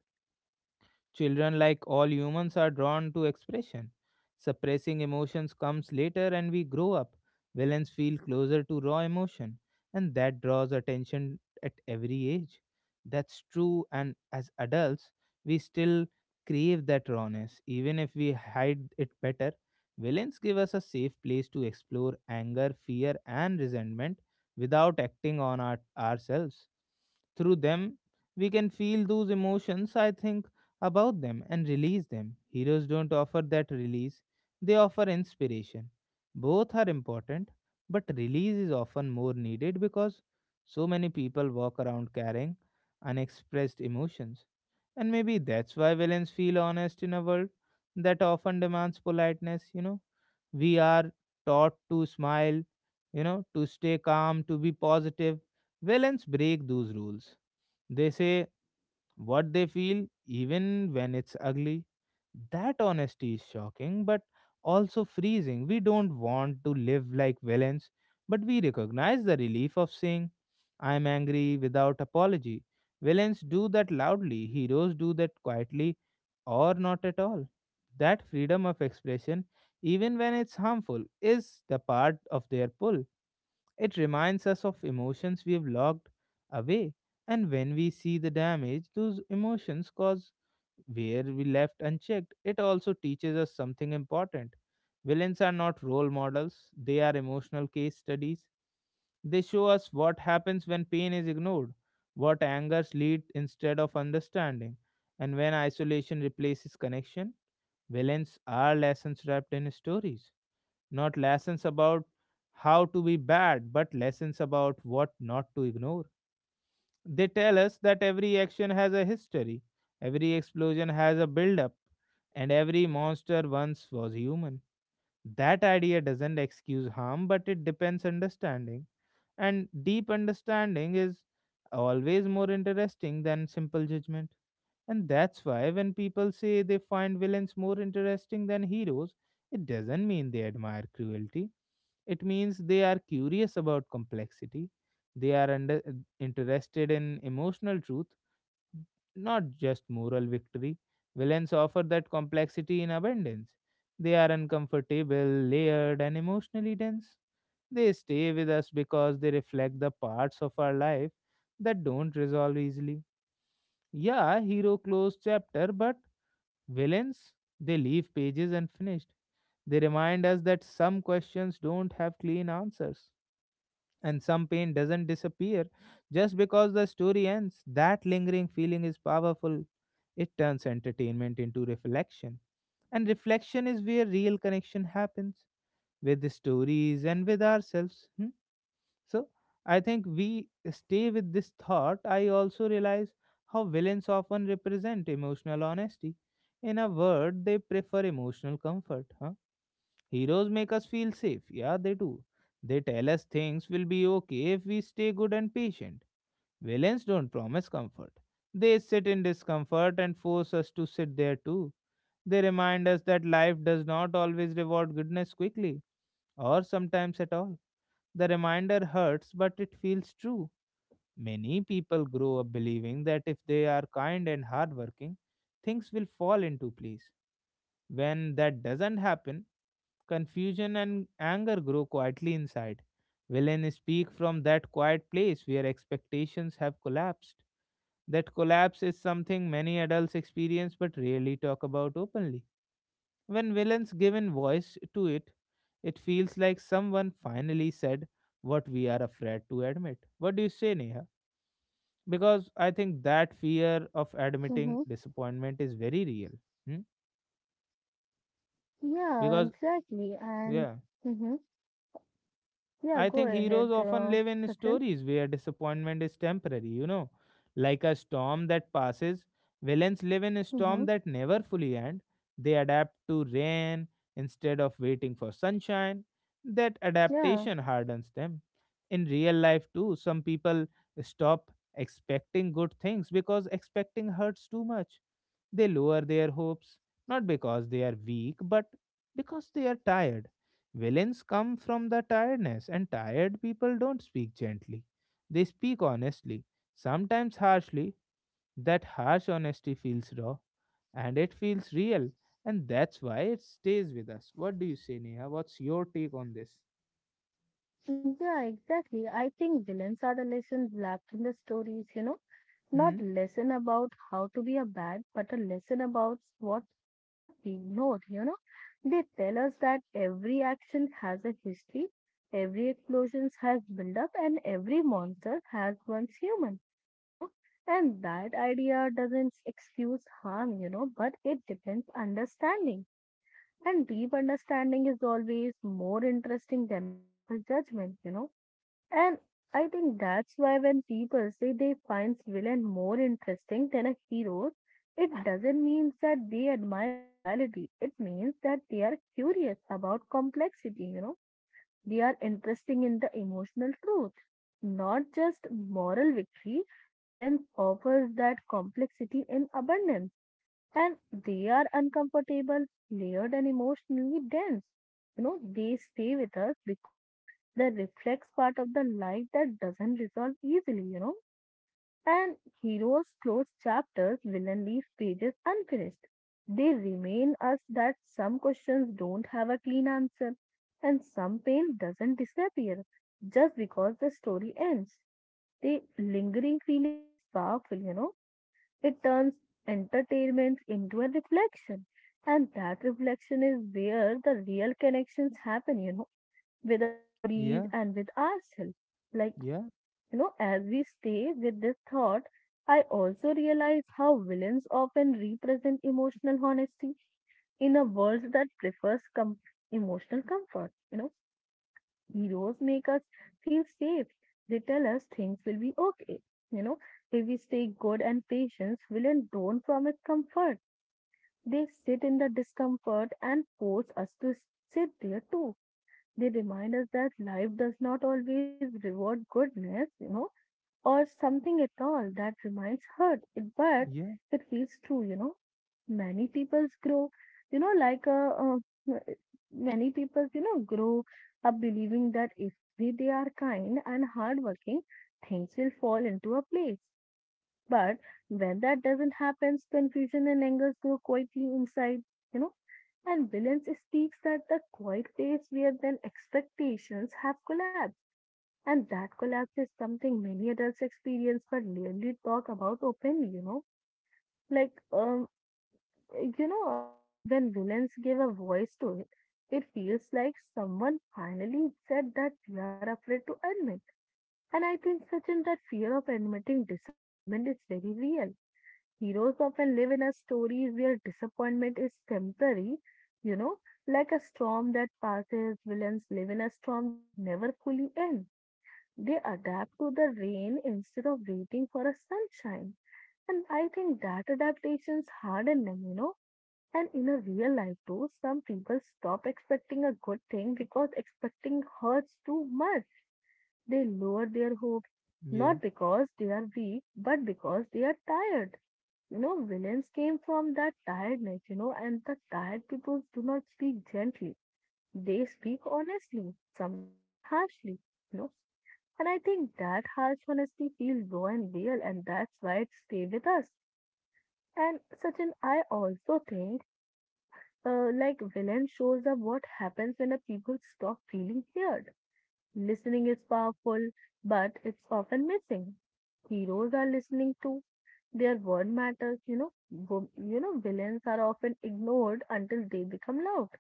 Speaker 1: Children, like all humans, are drawn to expression. Suppressing emotions comes later and we grow up. Villains feel closer to raw emotion, and that draws attention at every age. That's true, and as adults, we still crave that rawness, even if we hide it better. Villains give us a safe place to explore anger, fear, and resentment without acting on our, ourselves. Through them, we can feel those emotions, I think about them and release them. Heroes don't offer that release, they offer inspiration. Both are important, but release is often more needed because so many people walk around carrying unexpressed emotions. And maybe that's why villains feel honest in a world that often demands politeness, you know. We are taught to smile, you know, to stay calm, to be positive. Villains break those rules. They say what they feel, even when it's ugly. That honesty is shocking, but also freezing. We don't want to live like villains, but we recognize the relief of saying, I'm angry without apology. Villains do that loudly, heroes do that quietly or not at all. That freedom of expression, even when it's harmful, is the part of their pull. It reminds us of emotions we have locked away, and when we see the damage those emotions cause where we left unchecked, it also teaches us something important. Villains are not role models, they are emotional case studies. They show us what happens when pain is ignored, what angers lead instead of understanding, and when isolation replaces connection. Villains are lessons wrapped in stories. Not lessons about how to be bad, but lessons about what not to ignore. They tell us that every action has a history, every explosion has a build-up, and every monster once was human. That idea doesn't excuse harm, but it depends understanding. And deep understanding is always more interesting than simple judgment. And that's why when people say they find villains more interesting than heroes, it doesn't mean they admire cruelty. It means they are curious about complexity. They are under, Interested in emotional truth, not just moral victory. Villains offer that complexity in abundance. They are uncomfortable, layered, and emotionally dense. They stay with us because they reflect the parts of our life that don't resolve easily. Yeah, hero closed chapter, but villains, they leave pages unfinished. They remind us that some questions don't have clean answers, and some pain doesn't disappear just because the story ends. That lingering feeling is powerful. It turns entertainment into reflection, and reflection is where real connection happens with the stories and with ourselves. Hmm, So I think we stay with this thought. I also realize how villains often represent emotional honesty. In a word, they prefer emotional comfort. Huh? Heroes make us feel safe. Yeah, they do. They tell us things will be okay if we stay good and patient. Villains don't promise comfort. They sit in discomfort and force us to sit there too. They remind us that life does not always reward goodness quickly or sometimes at all. The reminder hurts, but it feels true. Many people grow up believing that if they are kind and hardworking, things will fall into place. When that doesn't happen, confusion and anger grow quietly inside. Villain speak from that quiet place where expectations have collapsed. That collapse is something many adults experience but rarely talk about openly. When villains given voice to it, it feels like someone finally said what we are afraid to admit. What do you say, Neha? Because I think that fear of admitting
Speaker 2: Mm-hmm.
Speaker 1: disappointment is very real. Hmm?
Speaker 2: Yeah,
Speaker 1: Because
Speaker 2: exactly. And
Speaker 1: yeah,
Speaker 2: hmm yeah,
Speaker 1: I
Speaker 2: go
Speaker 1: think
Speaker 2: ahead,
Speaker 1: heroes often
Speaker 2: uh,
Speaker 1: live in
Speaker 2: Sachin.
Speaker 1: stories where disappointment is temporary, you know, like a storm that passes. Villains live in a
Speaker 2: hmm
Speaker 1: storm that never fully end. They adapt to rain instead of waiting for sunshine. That
Speaker 2: Yeah,
Speaker 1: adaptation hardens them. In real life, too, some people stop expecting good things because expecting hurts too much. They lower their hopes, not because they are weak, but because they are tired. Villains come from the tiredness, and tired people don't speak gently. They speak honestly, sometimes harshly. That harsh honesty feels raw and it feels real, and that's why it stays with us. What do you say, Neha? What's your take on this?
Speaker 2: yeah, exactly. I think villains are the lessons left in the stories, you know. not
Speaker 1: Hmm?
Speaker 2: lesson about how to be a bad, but a lesson about what not being ignored, you know. They tell us that every action has a history, every explosion has build up, and every monster has once human, you know. And that idea doesn't excuse harm, you know, but it depends understanding. And deep understanding is always more interesting than a simple judgment, you know And I think that's why when people say they find villain more interesting than a hero, it doesn't mean that they admire cruelty. It means that they are curious about complexity, you know. They are interested in the emotional truth, not just moral victory. Villains offers that complexity in abundance and they are uncomfortable, layered, and emotionally dense. You know, they stay with us because they reflect part of the life that doesn't resolve easily, you know. And heroes close chapters, villain leave pages unfinished. They remain us that some questions don't have a clean answer, and some pain doesn't disappear just because the story ends. The lingering feeling is powerful, you know it turns entertainment into a reflection. And that reflection is where the real connections happen, you know, with our stories
Speaker 1: Yeah,
Speaker 2: and with ourselves. Like,
Speaker 1: yeah,
Speaker 2: you know, as we stay with this thought, I also realize how villains often represent emotional honesty in a world that prefers com- emotional comfort, you know Heroes make us feel safe. They tell us things will be okay. You know, if we stay good and patient, villains don't promise comfort. They sit in the discomfort and force us to s- sit there too. They remind us that life does not always reward goodness, you know, or something at all that reminds hurt. It, but
Speaker 1: yeah,
Speaker 2: it feels true, you know many peoples grow you know like a, uh, many peoples you know grow up believing that if we, they are kind and hardworking, things will fall into a place, but when that doesn't happen, confusion and anger grow quietly inside you know and villains speaks that the quiet place where then expectations have collapsed, and that collapse is something many adults experience but rarely talk about openly you know like um you know, um, when villains give a voice to it, it feels like someone finally said that we are afraid to admit. And I think, Sachin, that fear of admitting disappointment is very real. Heroes often live in a story where disappointment is temporary, you know, like a storm that passes. Villains live in a storm that never fully ends. They adapt to the rain instead of waiting for a sunshine. And I think that adaptation's hard on them, you know and in a real life, too, some people stop expecting a good thing because expecting hurts too much. They lower their hopes,
Speaker 1: yeah,
Speaker 2: not because they are weak, but because they are tired. You know, villains came from that tiredness, you know, and the tired people do not speak gently. They speak honestly, sometimes harshly, you know. And I think that harsh honesty feels raw and real, and that's why it stays with us. And Sachin, I also think, you know, uh, like villain shows up what happens when a people stop feeling heard. Listening is powerful, but it's often missing. Heroes are listening too. Their word matters, you know. Wo- You know, villains are often ignored until they become loud.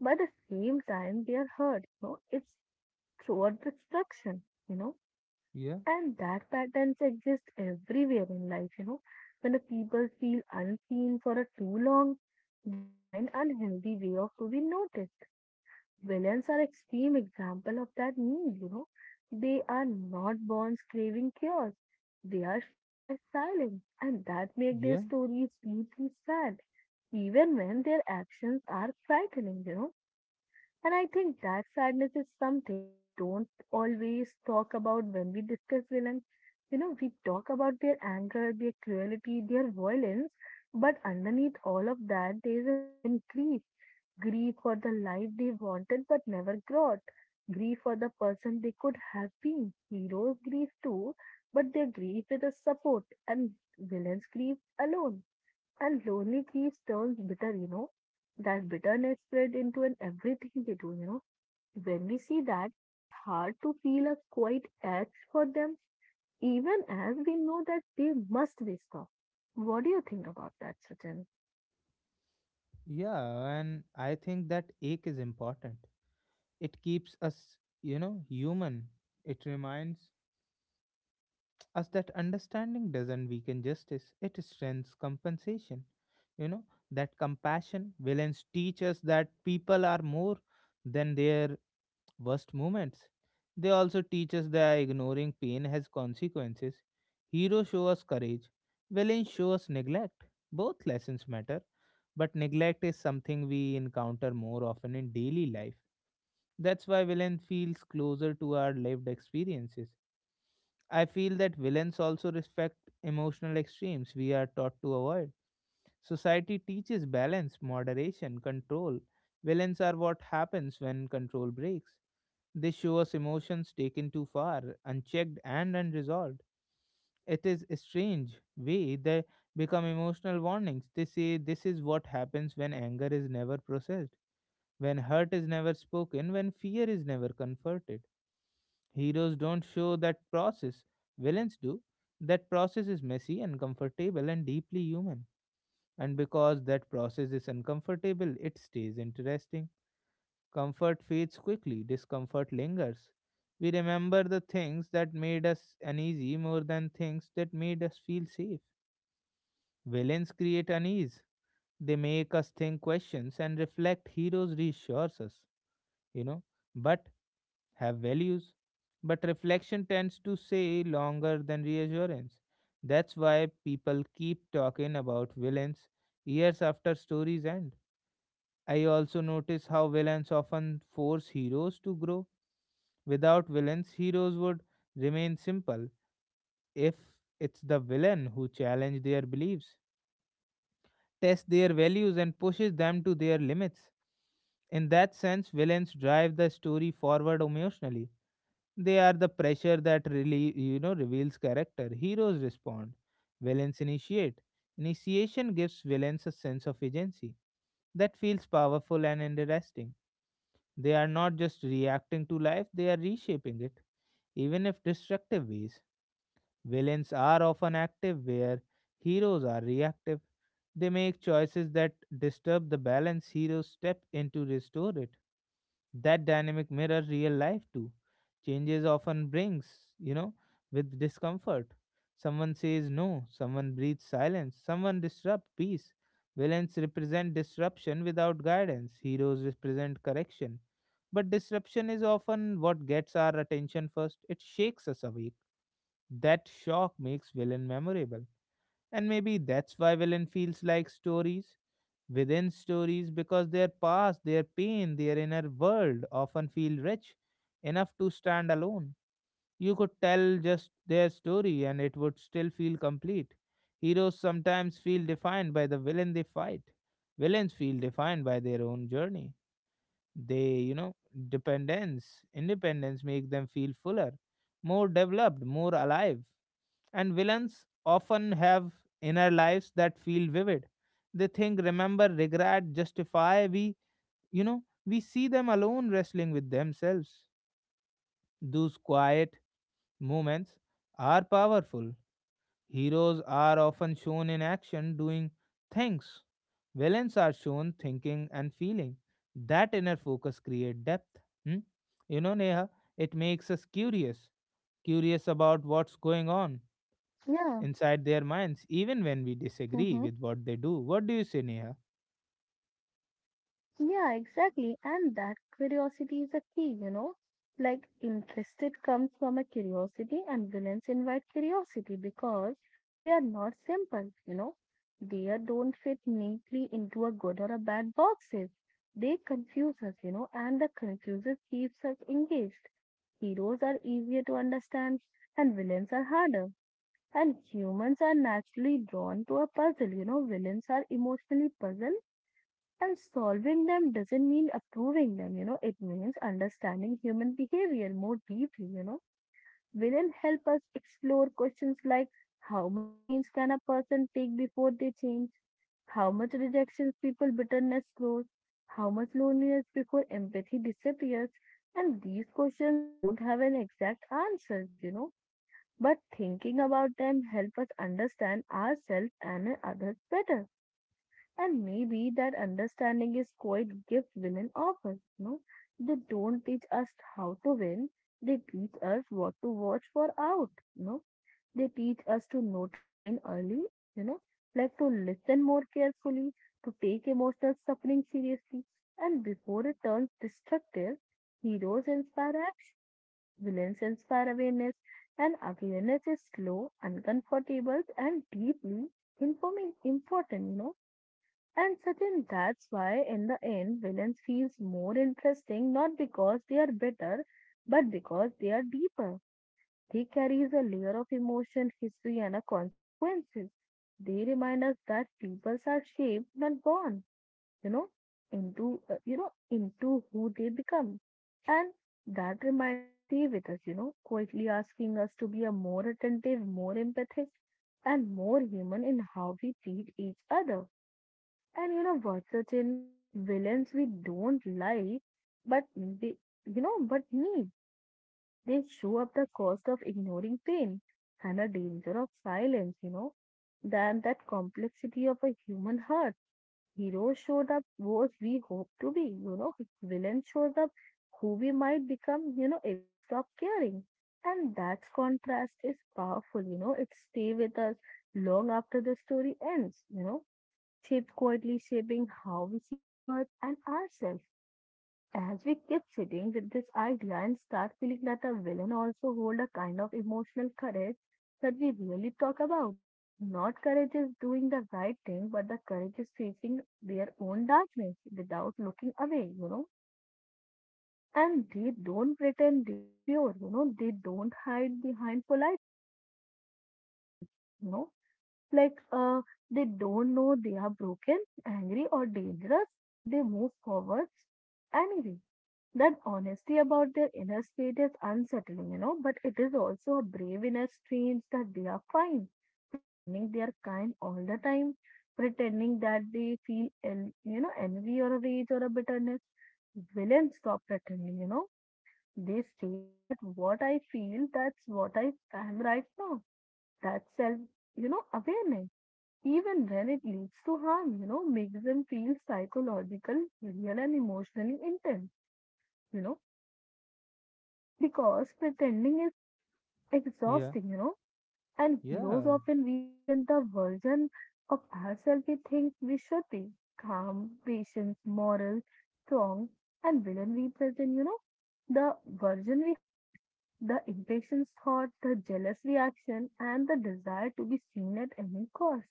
Speaker 2: But at the same time, they are heard. You know, it's it's throughout destruction. You know
Speaker 1: yeah,
Speaker 2: and that patterns exist everywhere in life, you know. When the people feel unseen for a too long, they find unhealthy way of to be noticed. Villains are extreme example of that need, you know. They are not born craving chaos. They are shaped by silence, and that make their
Speaker 1: yeah,
Speaker 2: stories deeply sad, even when their actions are frightening, you know. And I think that sadness is something we don't always talk about when we discuss villains. You know, we talk about their anger, their cruelty, their violence, but underneath all of that, there is an often grief. Grief for the life they wanted but never got. Grief for the person they could have been. Heroes grieve too, but they grieve with a support, and villains grieve alone. And lonely grief turns bitter, you know. That bitterness spread into an everything they do, you know when we see that, it is hard to feel a quiet edge for them, even as we know that they must be stopped. What do you think about that, Sachin?
Speaker 1: yeah. And I think that ache is important. It keeps us, you know, human. It reminds as that understanding doesn't weaken justice, it strengthens compensation. You know, that compassion, villains teach us that people are more than their worst moments. They also teach us that ignoring pain has consequences. Heroes show us courage, villains show us neglect. Both lessons matter, but neglect is something we encounter more often in daily life. That's why villain feels closer to our lived experiences. I feel that villains also respect emotional extremes we are taught to avoid. Society teaches balance, moderation, control. Villains are what happens when control breaks. They show us emotions taken too far, unchecked and unresolved. It is a strange way they become emotional warnings. They say this is what happens when anger is never processed, when hurt is never spoken, when fear is never comforted. Heroes don't show that process. Villains do. That process is messy, uncomfortable, and deeply human. And because that process is uncomfortable, it stays interesting. Comfort fades quickly, discomfort lingers. We remember the things that made us uneasy more than things that made us feel safe. Villains create unease. They make us think questions and reflect. Heroes reassures us, you know. But have values, but reflection tends to stay longer than reassurance. That's why people keep talking about villains years after stories end. I also notice how villains often force heroes to grow. Without villains, heroes would remain simple if it's the villain who challenges their beliefs, tests their values, and pushes them to their limits. In that sense, villains drive the story forward emotionally. They are the pressure that really you know reveals character. Heroes respond. Villains initiate. Initiation gives villains a sense of agency that feels powerful and interesting. They are not just reacting to life, they are reshaping it, even if destructive ways. Villains are often active where heroes are reactive. They make choices that disturb the balance. Heroes step in to restore it. That dynamic mirrors real life too. Changes often brings, you know with discomfort. Someone says no, someone breathes silence, someone disrupt peace. Villains represent disruption without guidance, heroes represent correction. But disruption is often what gets our attention first. It shakes us awake. That shock makes villain memorable. And maybe that's why villain feels like stories within stories, because their past, their pain, their inner world often feel rich enough to stand alone. You could tell just their story and it would still feel complete. Heroes sometimes feel defined by the villain they fight. Villains feel defined by their own journey. They, you know, Dependence, independence make them feel fuller, more developed, more alive. And villains often have inner lives that feel vivid. They think, remember, regret, justify. We, you know, we see them alone wrestling with themselves. Those quiet moments are powerful. Heroes are often shown in action doing things. Villains are shown thinking and feeling. That inner focus create depth. Hmm? You know, Neha, it makes us curious, curious about what's going on
Speaker 2: Yeah,
Speaker 1: inside their minds, even when we disagree with what they do. What do you say, Neha?
Speaker 2: yeah, exactly. And that curiosity is a key, you know. Like interested comes from a curiosity, and villains invite curiosity because they are not simple, you know. They are- don't fit neatly into a good or a bad boxes. They confuse us, you know, and the confusion keeps us engaged. Heroes are easier to understand and villains are harder. And humans are naturally drawn to a puzzle. You know, villains are emotionally puzzled and solving them doesn't mean approving them. You know, it means understanding human behavior more deeply. You know, villains help us explore questions like, how much pains can a person take before they change? How much rejection people bitterness grows, how much loneliness before empathy disappears. And these questions don't have an exact answer, you know, but thinking about them help us understand ourselves and others better. And maybe that understanding is quite gift women offer, you know. They don't teach us how to win, they teach us what to watch for out, you know they teach us to notice pain early, you know, like to listen more carefully, to take emotional suffering seriously, and before it turns destructive, heroes inspire action, villains inspire awareness, and awareness is slow, uncomfortable, and deeply informing, important, you know. And certain that's why in the end villains feels more interesting, not because they are better but because they are deeper. They carries a layer of emotion, history, and a consequences. They remind us that peoples are shaped, not born, you know, into uh, you know into who they become, and that reminder stay with us, you know, quietly asking us to be a more attentive, more empathic, and more human in how we treat each other. And you know what, certain villains we don't like, but they, you know, but need they show up the cost of ignoring pain and the danger of silence, you know. Than that complexity of a human heart. Heroes showed up what we hope to be, you know. Villains showed up who we might become, you know, if we stop caring. And that contrast is powerful, you know. It stay with us long after the story ends, you know. Shape quietly shaping how we see the world and ourselves. As we keep sitting with this idea and start feeling that our villain also hold a kind of emotional courage that we really talk about. Not courage is doing the right thing, but the courage is facing their own darkness without looking away, you know. And they don't pretend they are pure, you know, they don't hide behind polite words, you know. Like uh they don't know they are broken, angry or dangerous, and they move forward anyway. That honesty about their inner state is unsettling, you know, but it is also a brave inner strange that they are fine, pretending they are kind all the time, pretending that they feel, en- you know, envy or rage or a bitterness. Villains stop pretending, you know. They say that what I feel, that's what I am right now. That's self, you know, awareness. Even when it leads to harm, you know, makes them feel psychological, real and emotionally intense, you know Because pretending is
Speaker 1: Yeah,
Speaker 2: exhausting, you know, and heroes
Speaker 1: yeah,
Speaker 2: often represent the version of ourselves we think we should be calm, patient, moral, strong, and villain represent, you know, the version we hide, the impatient thought, the jealous reaction, and the desire to be seen at any cost.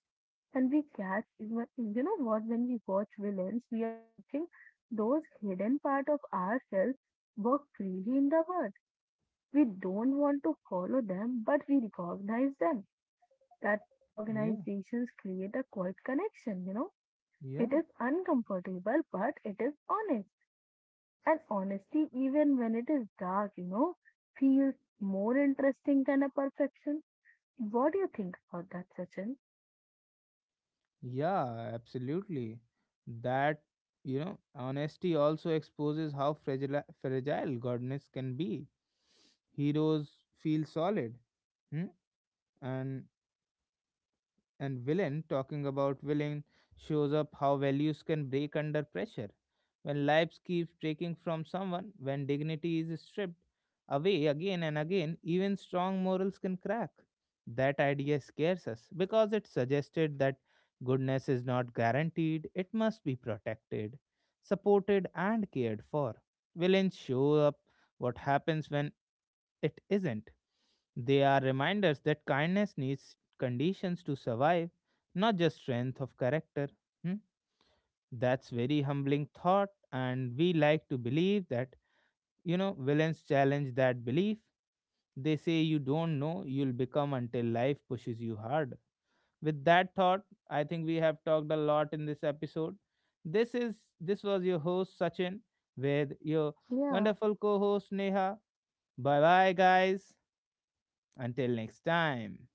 Speaker 2: And we catch even, you know what, when we watch villains, we are watching those hidden part of ourselves work freely in the world. We don't want to follow them, but we recognize them. That
Speaker 1: yeah,
Speaker 2: recognizations create a quiet connection, you know.
Speaker 1: yeah,
Speaker 2: It is uncomfortable, but it is honest. And honesty, even when it is dark, you know, feels more interesting than a perfection. What do you think about that, Sachin?
Speaker 1: yeah, absolutely. That, you know, honesty also exposes how fragile, fragile godness can be. Heroes feel solid, hmm? and and villain talking about villain shows up how values can break under pressure. When lives keep taking from someone, when dignity is stripped away again and again, even strong morals can crack. That idea scares us because it suggested that goodness is not guaranteed. It must be protected, supported and cared for. Villains show up what happens when it isn't. They are reminders that kindness needs conditions to survive, not just strength of character. Hmm? That's very humbling thought, and we like to believe that, you know, villains challenge that belief. They say you don't know, you'll become until life pushes you hard. With that thought, I think we have talked a lot in this episode. This is this was your host Sachin with your
Speaker 2: Yeah.
Speaker 1: wonderful co-host Neha. Bye bye guys. Until next time.